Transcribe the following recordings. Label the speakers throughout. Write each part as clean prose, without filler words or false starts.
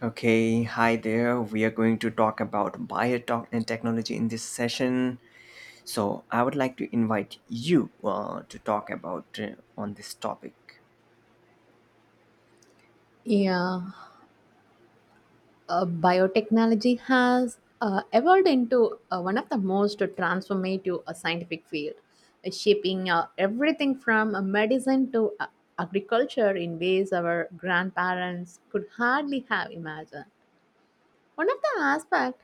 Speaker 1: Okay, hi there. We are going to talk about biotech and technology in this session. So, I would like to invite you to talk about on this topic.
Speaker 2: Yeah, biotechnology has evolved into one of the most transformative scientific field, shaping everything from medicine to agriculture in ways our grandparents could hardly have imagined. One of the aspects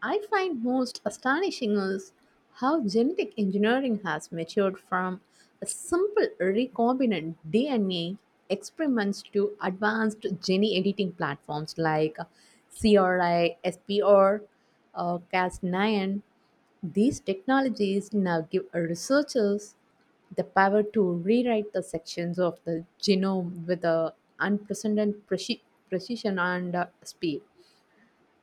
Speaker 2: I find most astonishing is how genetic engineering has matured from a simple recombinant DNA experiments to advanced gene editing platforms like CRISPR SPR, Cas9. These technologies now give researchers the power to rewrite the sections of the genome with a unprecedented precision and speed.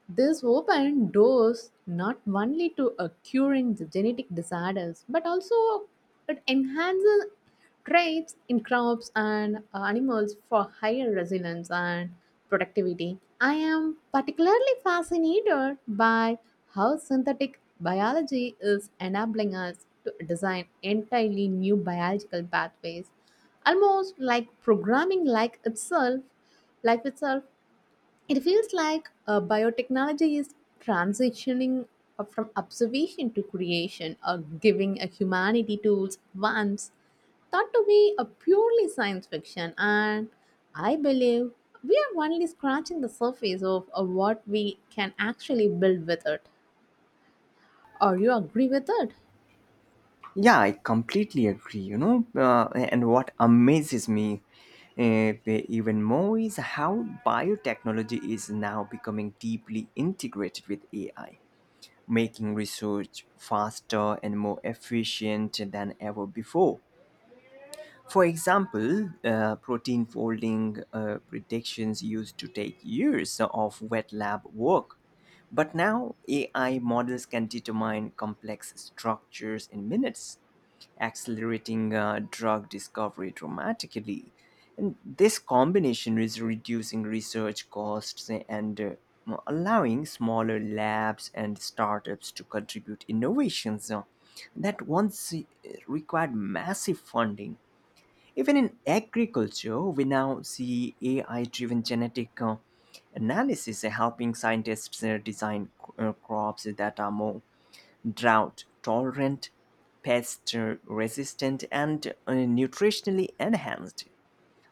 Speaker 2: This opened doors not only to curing the genetic disorders, but also it enhances traits in crops and animals for higher resilience and productivity. I am particularly fascinated by how synthetic biology is enabling us to design entirely new biological pathways, almost like programming like itself, it feels like biotechnology is transitioning from observation to creation, or giving a humanity tools once thought to be a purely science fiction. And I believe we are only scratching the surface of what we can actually build with it. Or you agree with it?
Speaker 1: Yeah, I completely agree. And what amazes me even more is how biotechnology is now becoming deeply integrated with AI, making research faster and more efficient than ever before. For example, protein folding predictions used to take years of wet lab work, but now AI models can determine complex structures in minutes, accelerating drug discovery dramatically. And this combination is reducing research costs and allowing smaller labs and startups to contribute innovations that once required massive funding. Even in agriculture, we now see AI driven genetic analysis helping scientists design crops that are more drought tolerant, pest resistant, and nutritionally enhanced.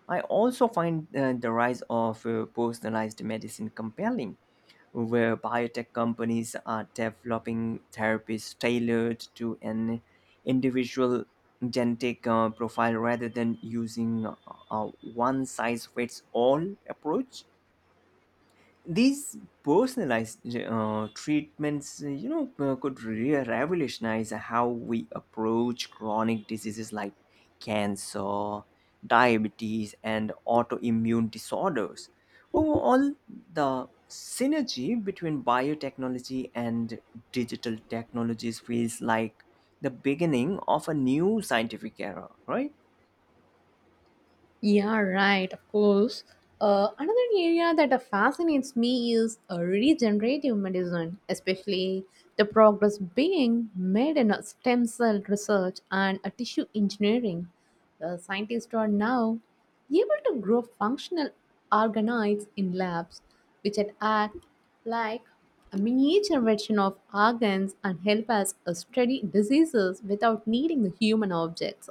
Speaker 1: I also find the rise of personalized medicine compelling, where biotech companies are developing therapies tailored to an individual genetic profile rather than using a one size fits all approach. These personalized treatments, could revolutionize how we approach chronic diseases like cancer, diabetes, and autoimmune disorders. Overall, the synergy between biotechnology and digital technologies feels like the beginning of a new scientific era, right?
Speaker 2: Yeah, right, of course. Another area that fascinates me is regenerative medicine, especially the progress being made in stem cell research and tissue engineering. Scientists are now able to grow functional organoids in labs, which can act like a miniature version of organs and help us study diseases without needing the human objects,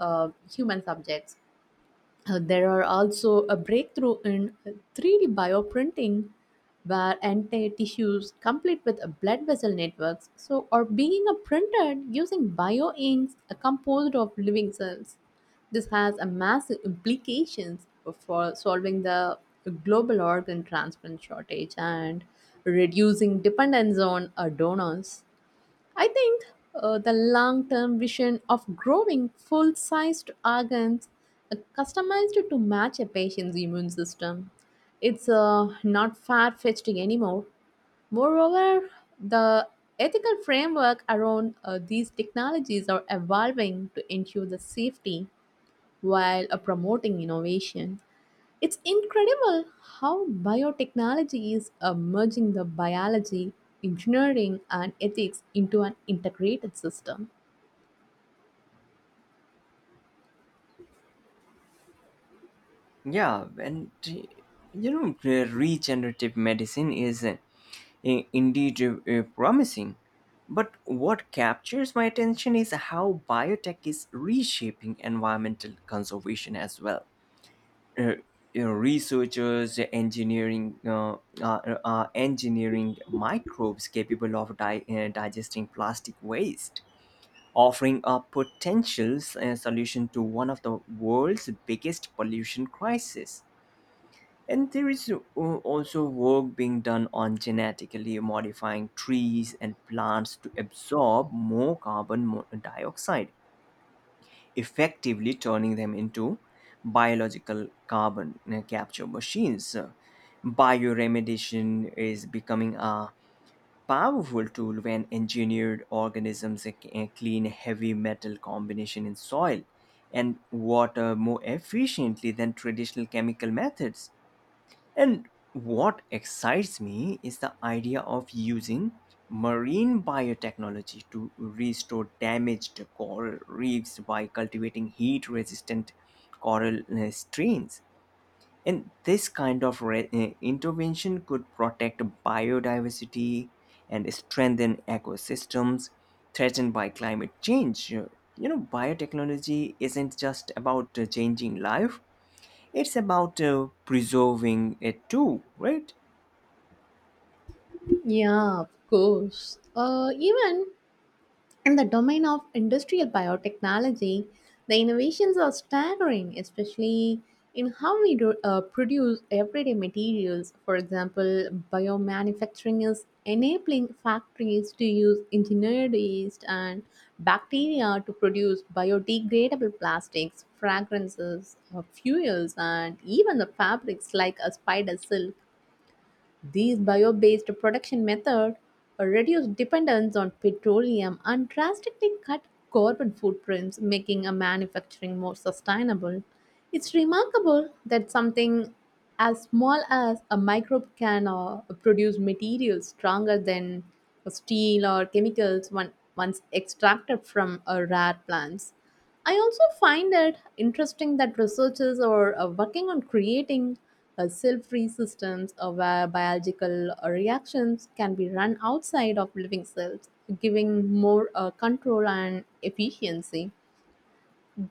Speaker 2: human subjects. There are also a breakthrough in 3D bioprinting where entire tissues complete with blood vessel networks so are being printed using bioinks composed of living cells. This has a massive implications for solving the global organ transplant shortage and reducing dependence on donors. I think the long term vision of growing full sized organs customized to match a patient's immune system. It's not far fetched anymore. Moreover, the ethical framework around these technologies are evolving to ensure the safety while promoting innovation. It's incredible how biotechnology is merging the biology, engineering, and ethics into an integrated system.
Speaker 1: Yeah, and you know, regenerative medicine is indeed promising. But what captures my attention is how biotech is reshaping environmental conservation as well. Uh, you know, researchers are engineering microbes capable of digesting plastic waste, offering a potential solution to one of the world's biggest pollution crises. And there is also work being done on genetically modifying trees and plants to absorb more carbon dioxide, effectively turning them into biological carbon capture machines. Bioremediation is becoming a powerful tool when engineered organisms clean heavy metal combination in soil and water more efficiently than traditional chemical methods. And what excites me is the idea of using marine biotechnology to restore damaged coral reefs by cultivating heat resistant coral strains. And this kind of intervention could protect biodiversity and strengthen ecosystems threatened by climate change. You know, biotechnology isn't just about changing life, it's about preserving it too, right?
Speaker 2: Yeah, of course. Even in the domain of industrial biotechnology, the innovations are staggering, especially in how we do, produce everyday materials. For example, biomanufacturing is enabling factories to use engineered yeast and bacteria to produce biodegradable plastics, fragrances, fuels, and even the fabrics like a spider silk. These bio-based production methods reduce dependence on petroleum and drastically cut carbon footprints, making a manufacturing more sustainable. It's remarkable that something as small as a microbe can produce materials stronger than steel or chemicals one, once extracted from rare plants. I also find it interesting that researchers are working on creating cell-free systems where biological reactions can be run outside of living cells, giving more control and efficiency.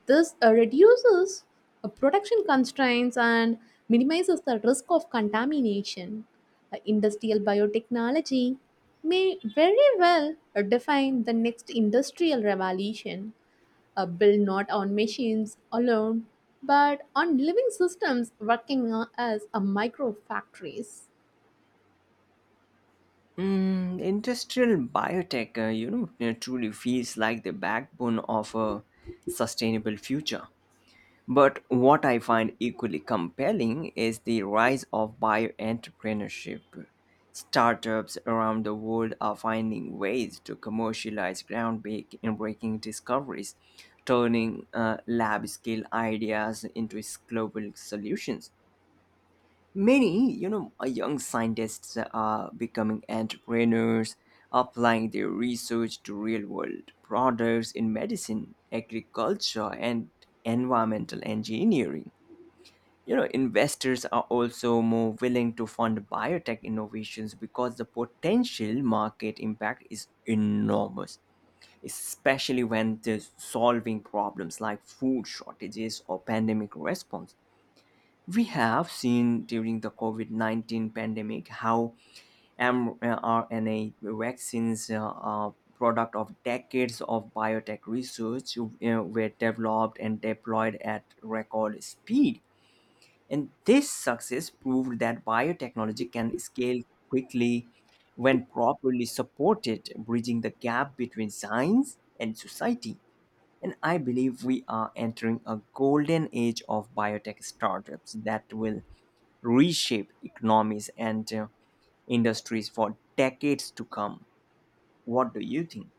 Speaker 2: This reduces production constraints and minimizes the risk of contamination. Industrial biotechnology may very well define the next industrial revolution built not on machines alone, but on living systems working as a micro factories.
Speaker 1: Mm, industrial biotech, truly feels like the backbone of a sustainable future. But what I find equally compelling is the rise of bioentrepreneurship. Startups around the world are finding ways to commercialize groundbreaking discoveries, turning lab scale ideas into global solutions. Many, young scientists are becoming entrepreneurs, applying their research to real-world products in medicine, agriculture, and environmental engineering. You know, investors are also more willing to fund biotech innovations because the potential market impact is enormous, especially when they're solving problems like food shortages or pandemic response. We have seen during the COVID 19 pandemic how mRNA vaccines, product of decades of biotech research, you know, were developed and deployed at record speed. And this success proved that biotechnology can scale quickly when properly supported, bridging the gap between science and society. And I believe we are entering a golden age of biotech startups that will reshape economies and industries for decades to come. What do you think?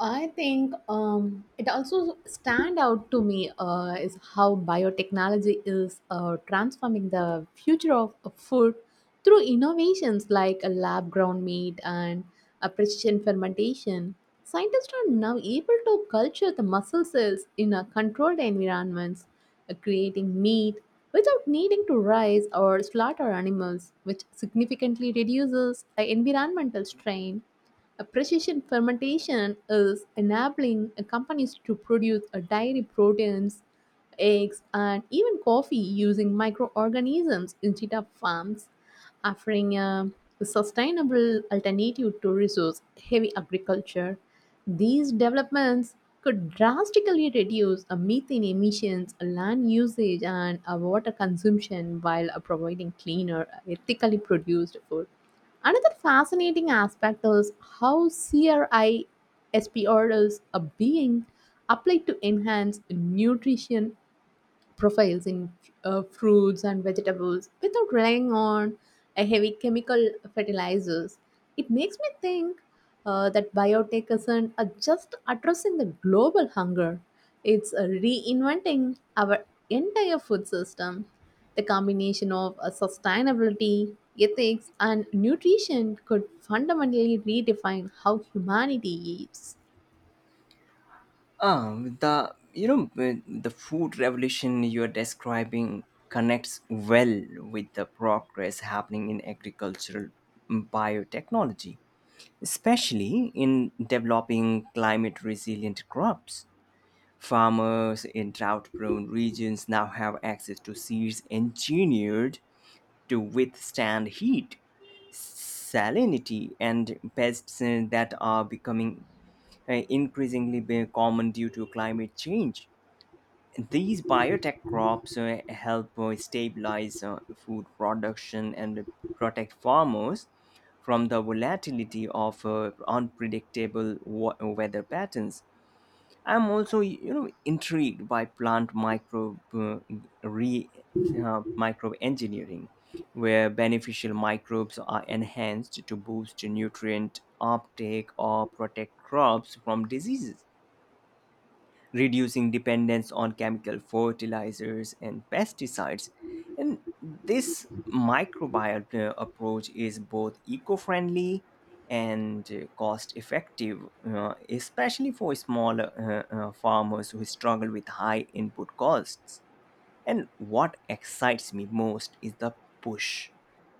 Speaker 2: I think it also stand out to me is how biotechnology is transforming the future of food through innovations like a lab grown meat and a precision fermentation. Scientists are now able to culture the muscle cells in a controlled environments, creating meat without needing to raise or slaughter animals, which significantly reduces the environmental strain. A precision fermentation is enabling companies to produce dairy proteins, eggs, and even coffee using microorganisms instead of farms, offering a sustainable alternative to resource heavy agriculture. These developments could drastically reduce methane emissions, land usage, and water consumption while providing cleaner, ethically produced food. Another fascinating aspect is how CRI SPR is a being applied to enhance nutrition profiles in fruits and vegetables without relying on a heavy chemical fertilizers. It makes me think that biotech isn't just addressing the global hunger; it's reinventing our entire food system. The combination of sustainability, ethics, and nutrition could fundamentally redefine how humanity eats.
Speaker 1: Ah, the food revolution you are describing connects well with the progress happening in agricultural, mm, biotechnology, especially in developing climate resilient crops. Farmers in drought prone regions now have access to seeds engineered to withstand heat, salinity, and pests that are becoming increasingly common due to climate change. These biotech crops help stabilize food production and protect farmers from the volatility of weather patterns. I'm also, you know, intrigued by plant re microbe engineering, where beneficial microbes are enhanced to boost nutrient uptake or protect crops from diseases, reducing dependence on chemical fertilizers and pesticides. And this microbial approach is both eco friendly and cost effective, especially for small farmers who struggle with high input costs. And what excites me most is the push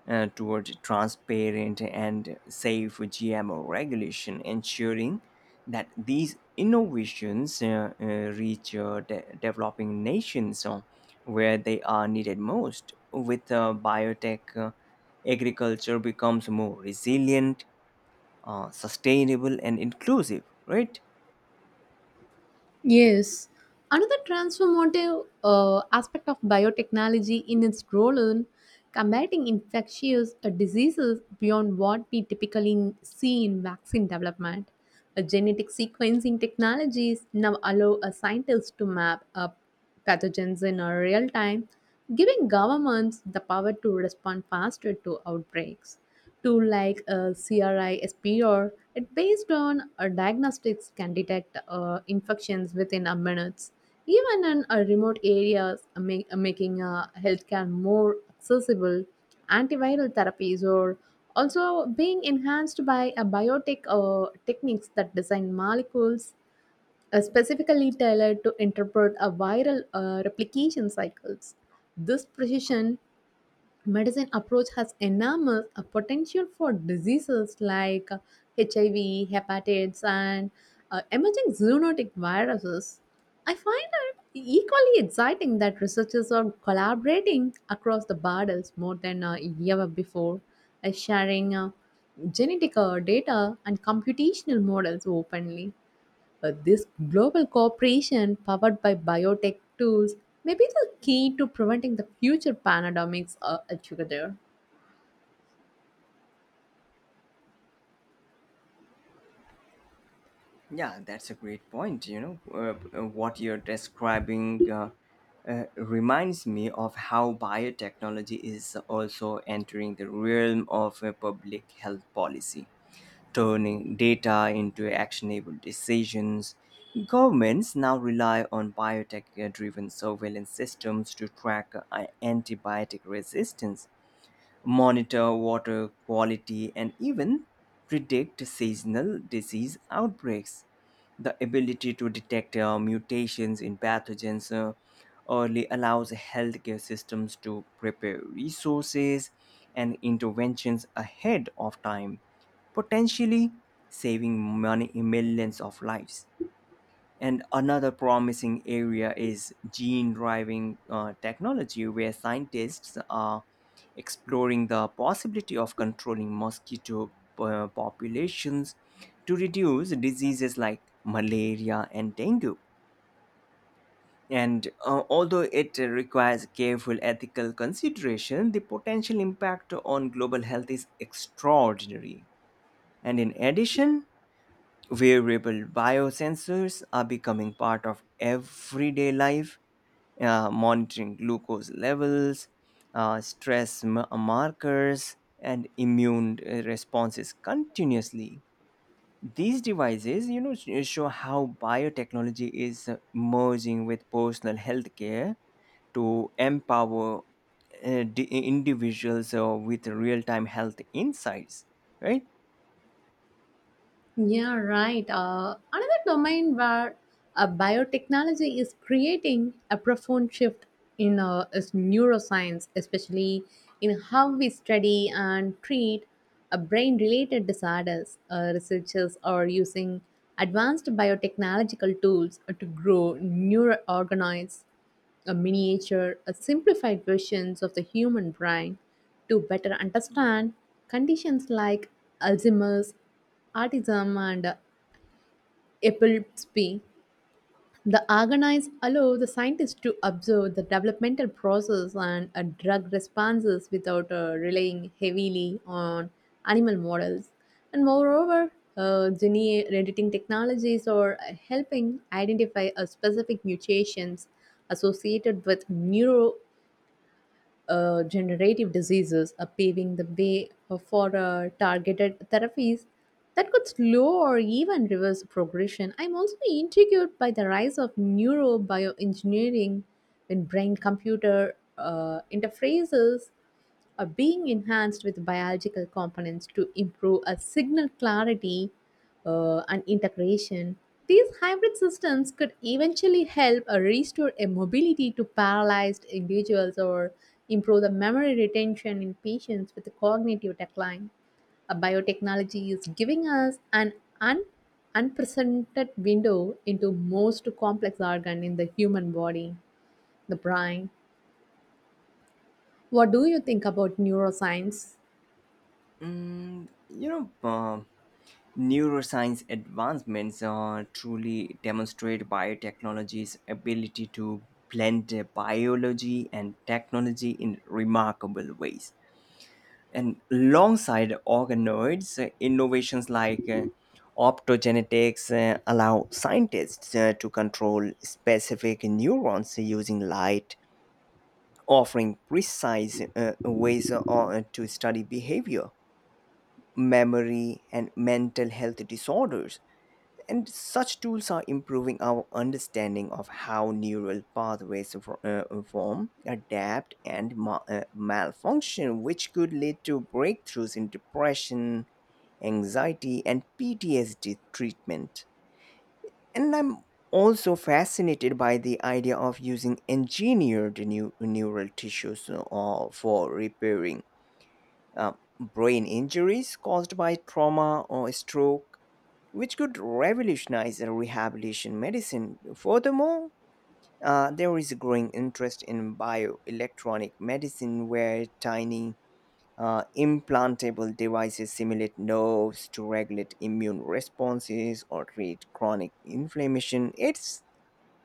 Speaker 1: toward transparent and safe GMO regulation, ensuring that these innovations reach developing nations where they are needed most. With biotech, agriculture becomes more resilient, sustainable, and inclusive, right?
Speaker 2: Yes. Another transformative aspect of biotechnology in its role in combating infectious diseases beyond what we typically see in vaccine development. Genetic sequencing technologies now allow a scientist to map up pathogens in a real time, giving governments the power to respond faster to outbreaks tool like CRISPR, it based on diagnostics can detect infections within a minutes, even in remote areas, making healthcare more accessible. Antiviral therapies are also being enhanced by biotech techniques that design molecules specifically tailored to interpret a viral replication cycles. This precision medicine approach has enormous potential for diseases like HIV, hepatitis, and emerging zoonotic viruses. I find it equally exciting that researchers are collaborating across the borders more than ever before, sharing genetic data and computational models openly. This global cooperation powered by biotech tools may be the key to preventing the future pandemics altogether.
Speaker 1: Yeah, that's a great point. What you're describing reminds me of how biotechnology is also entering the realm of public health policy, turning data into actionable decisions. Governments now rely on biotech driven surveillance systems to track antibiotic resistance, monitor water quality, and even predict seasonal disease outbreaks. The ability to detect mutations in pathogens early allows healthcare systems to prepare resources and interventions ahead of time, potentially saving money, millions of lives. And another promising area is gene driving technology, where scientists are exploring the possibility of controlling mosquito populations to reduce diseases like malaria and dengue. And although it requires careful ethical consideration, the potential impact on global health is extraordinary. And in addition, wearable biosensors are becoming part of everyday life, monitoring glucose levels, stress markers, and immune responses continuously. These devices, you know, show how biotechnology is merging with personal healthcare to empower individuals with real-time health insights, right?
Speaker 2: Yeah, right. Another domain where biotechnology is creating a profound shift in is neuroscience, especially in how we study and treat brain-related disorders. Researchers are using advanced biotechnological tools to grow neural organoids, a miniature, a simplified versions of the human brain to better understand conditions like Alzheimer's, autism, and epilepsy. The organs allow the scientists to observe the developmental process and drug responses without relying heavily on animal models. And moreover, gene editing technologies are helping identify a specific mutations associated with neuro generative diseases are paving the way for targeted therapies that could slow or even reverse progression. I'm also intrigued by the rise of neurobioengineering in brain computer interfaces are being enhanced with biological components to improve a signal clarity and integration. These hybrid systems could eventually help restore a mobility to paralyzed individuals or improve the memory retention in patients with cognitive decline. A biotechnology is giving us an un- unprecedented window into most complex organ in the human body, the brain. What do you think about neuroscience?
Speaker 1: Mm, you know, neuroscience advancements truly demonstrate biotechnology's ability to blend biology and technology in remarkable ways. And alongside organoids, innovations like optogenetics allow scientists to control specific neurons using light, offering precise ways to study behavior, memory, and mental health disorders. And such tools are improving our understanding of how neural pathways form, adapt, and malfunction, which could lead to breakthroughs in depression, anxiety, and PTSD treatment. And I'm also fascinated by the idea of using engineered new neural tissues for repairing uh, brain injuries caused by trauma or stroke, which could revolutionize rehabilitation medicine. Furthermore, there is a growing interest in bioelectronic medicine where tiny implantable devices simulate nerves to regulate immune responses or treat chronic inflammation. It's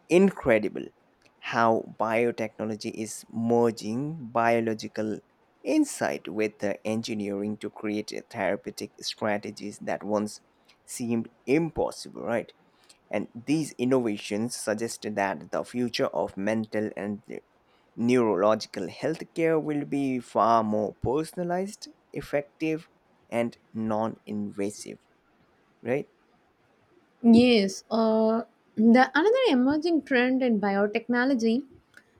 Speaker 1: incredible how biotechnology is merging biological insight with the engineering to create therapeutic strategies that once seemed impossible, right? And these innovations suggest that the future of mental and neurological healthcare will be far more personalized, effective, and non invasive, right?
Speaker 2: Yes, the another emerging trend in biotechnology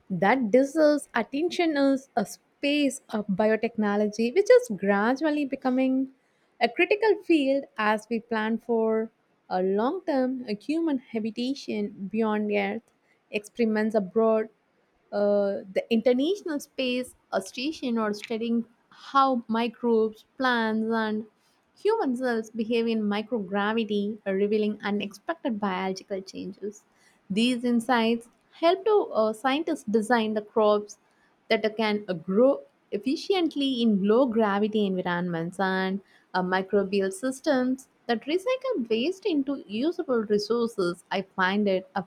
Speaker 2: that deserves attention is a space of biotechnology, which is gradually becoming a critical field as we plan for a long-term human habitation beyond Earth, experiments abroad, the International Space Station, or studying how microbes, plants, and human cells behave in microgravity, revealing unexpected biological changes. These insights help to scientists design the crops that can grow efficiently in low gravity environments and microbial systems that recycle waste into usable resources. I find it a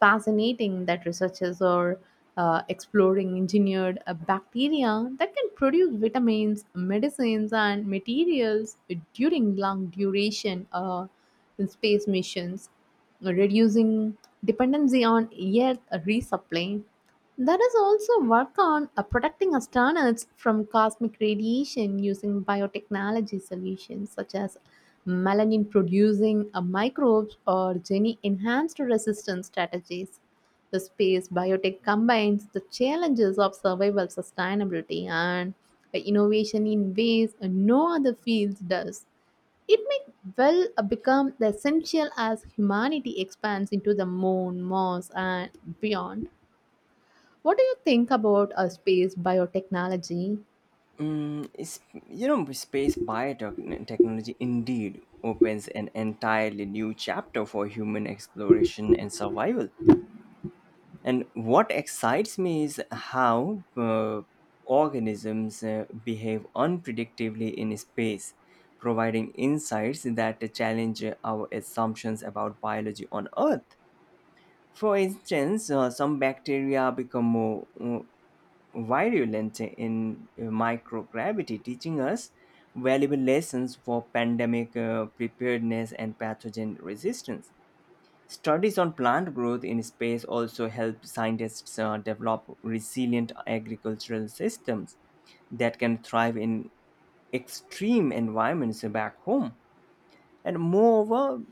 Speaker 2: fascinating that researchers are exploring engineered bacteria that can produce vitamins, medicines, and materials during long duration space missions, reducing dependency on air resupply. There is also work on protecting astronauts from cosmic radiation using biotechnology solutions such as melanin producing microbes or gene enhanced resistance strategies. The space biotech combines the challenges of survival sustainability and innovation in ways no other field does. It may well become the essential as humanity expands into the moon, Mars, and beyond. What do you think about space biotechnology?
Speaker 1: Mm, is, you know, space biotechnology indeed opens an entirely new chapter for human exploration and survival. And what excites me is how organisms behave unpredictably in space, providing insights that challenge our assumptions about biology on Earth. For instance, some bacteria become more virulent in microgravity, teaching us valuable lessons for pandemic preparedness and pathogen resistance. Studies on plant growth in space also help scientists develop resilient agricultural systems that can thrive in extreme environments back home. And moreover,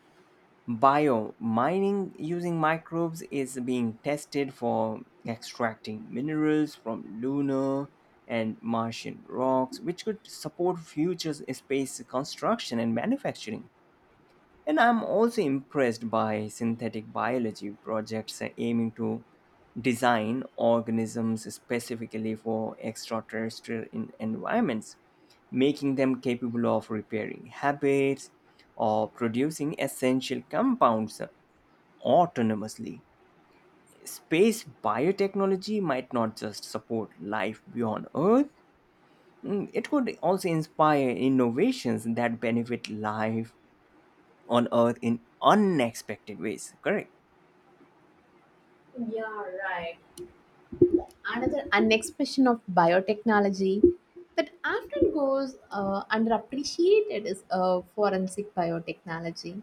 Speaker 1: biomining using microbes is being tested for extracting minerals from lunar and Martian rocks, which could support future space construction and manufacturing. And I'm also impressed by synthetic biology projects aiming to design organisms specifically for extraterrestrial environments, making them capable of repairing habits or producing essential compounds autonomously. Space biotechnology might not just support life beyond Earth, mm, it could also inspire innovations that benefit life on earth in unexpected ways, correct?
Speaker 2: Another unexpression of biotechnology that often goes underappreciated is forensic biotechnology,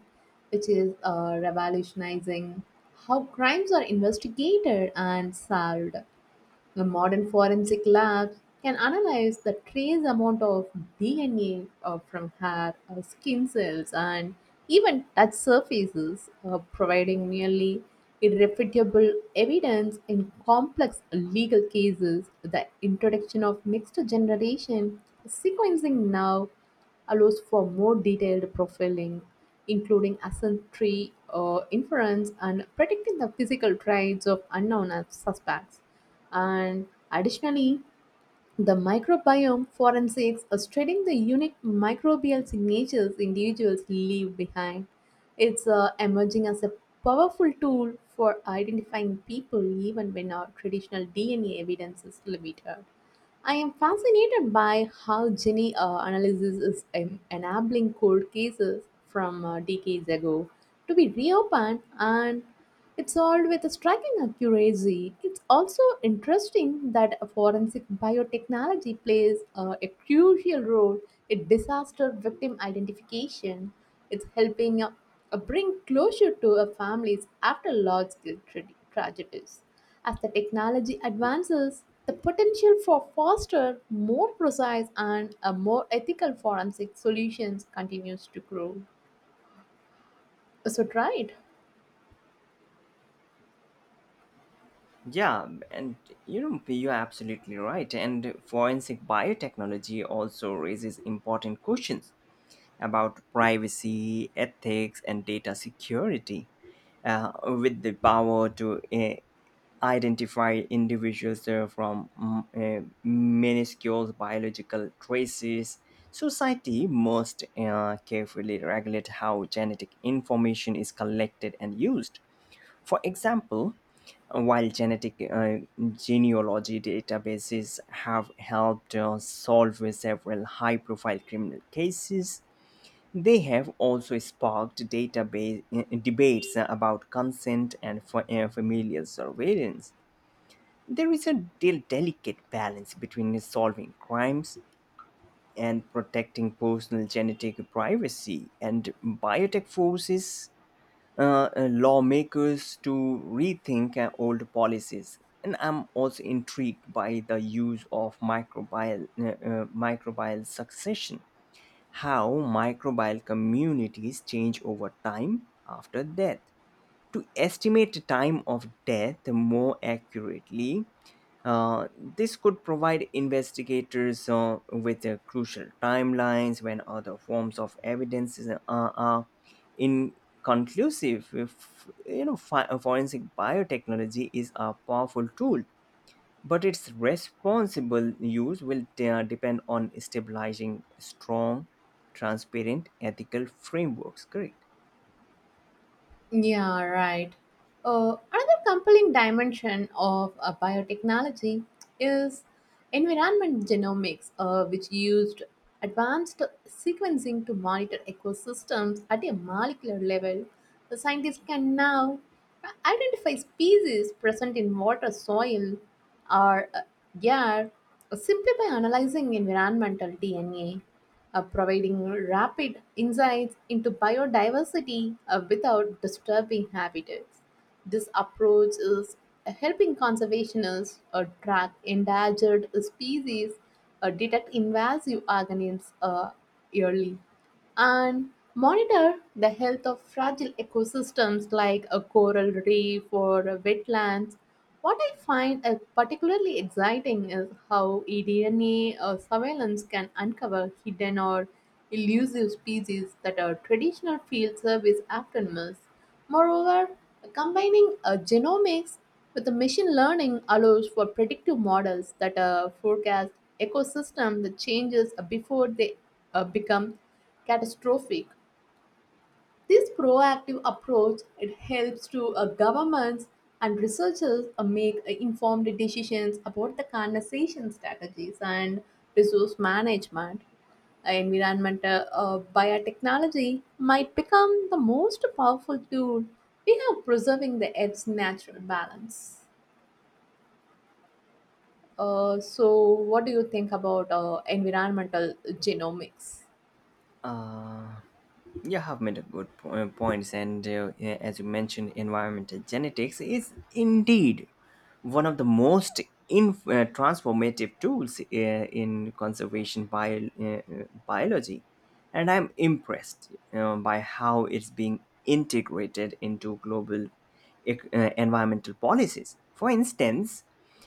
Speaker 2: which is revolutionizing how crimes are investigated and solved. The modern forensic labs can analyze the trace amount of DNA from hair, skin cells, and even touch surfaces, providing nearly irrefutable evidence in complex legal cases. The introduction of next generation sequencing now allows for more detailed profiling, including ancestry inference and predicting the physical traits of unknown suspects. And additionally, the microbiome forensics are studying the unique microbial signatures individuals leave behind. It's emerging as a powerful tool for identifying people even when our traditional DNA evidence is limited. I am fascinated by how Jenny analyzes is enabling cold cases from decades ago to be reopened, and it's solved with a striking accuracy. It's also interesting that forensic biotechnology plays a crucial role in disaster victim identification. It's helping bring closure to a families after tragedies. As the technology advances, the potential for faster, more precise, and a more ethical forensic solutions continues to grow. So, right?
Speaker 1: Yeah, and you know, you're absolutely right. And forensic biotechnology also raises important questions about privacy, ethics, and data security with the power to identify individuals from minuscule biological traces. Society must carefully regulate how genetic information is collected and used. For example, while genetic genealogy databases have helped solve several high-profile criminal cases, they have also sparked database debates about consent and familial surveillance. There is a delicate balance between solving crimes and protecting personal genetic privacy, and biotech forces lawmakers to rethink old policies. And I'm also intrigued by the use of microbial succession, how microbial communities change over time after death, to estimate time of death more accurately. This could provide investigators with crucial timelines when other forms of evidence are inconclusive. If, you know, forensic biotechnology is a powerful tool, but its responsible use will depend on stabilizing strong, transparent, ethical frameworks. Correct.
Speaker 2: Yeah, right. Another compelling dimension of biotechnology is environment genomics, which used advanced sequencing to monitor ecosystems at a molecular level. The scientists can now identify species present in water, soil, or air simply by analyzing environmental DNA providing rapid insights into biodiversity without disturbing habitats. This approach is helping conservationists track endangered species, detect invasive organisms early and monitor the health of fragile ecosystems like a coral reef or a wetlands. What I find particularly exciting is how eDNA surveillance can uncover hidden or elusive species that our traditional field service often miss. Moreover, combining genomics with the machine learning allows for predictive models that forecast ecosystem that changes before they become catastrophic. This proactive approach it helps to governments and researchers make informed decisions about the conservation strategies and resource management. Environmental biotechnology might become the most powerful tool we have preserving the Earth's natural balance. So, what do you think about environmental genomics?
Speaker 1: You have made a good points, and yeah, as you mentioned, environmental genetics is indeed one of the most transformative tools in conservation biology, and I'm impressed by how it's being integrated into global environmental policies. For instance,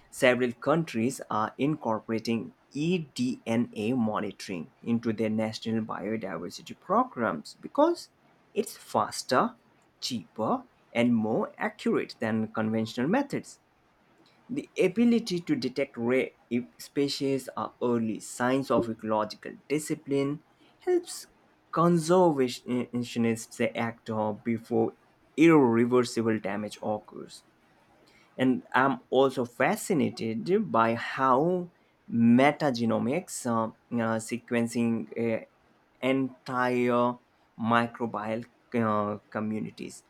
Speaker 1: several countries are incorporating eDNA monitoring into their national biodiversity programs because it's faster, cheaper, and more accurate than conventional methods. The ability to detect rare species are early signs of ecological discipline helps conservationists act before irreversible damage occurs. And I'm also fascinated by how metagenomics, sequencing entire microbial communities,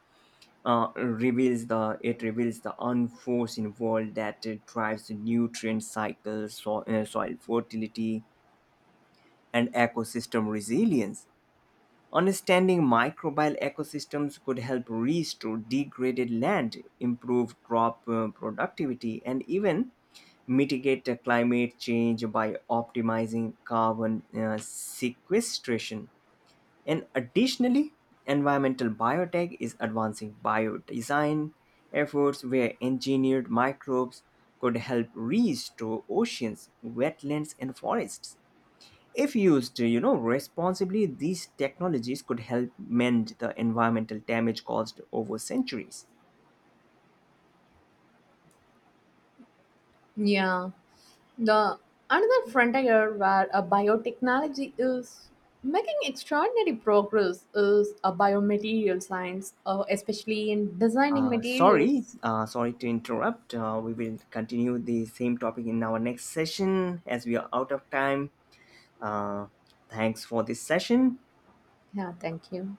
Speaker 1: reveals the unforced involved that it drives nutrient cycles, so, soil fertility, and ecosystem resilience. Understanding microbial ecosystems could help restore degraded land, improve crop productivity, and even mitigate the climate change by optimizing carbon sequestration. And additionally, environmental biotech is advancing biodesign efforts where engineered microbes could help restore oceans, wetlands, and forests. If used, you know, responsibly, these technologies could help mend the environmental damage caused over centuries.
Speaker 2: Yeah, the another frontier where a biotechnology is making extraordinary progress is a biomaterial science, especially in designing materials.
Speaker 1: Sorry to interrupt. We will continue the same topic in our next session as we are out of time. Uh, Thanks for this session.
Speaker 2: Yeah, thank you.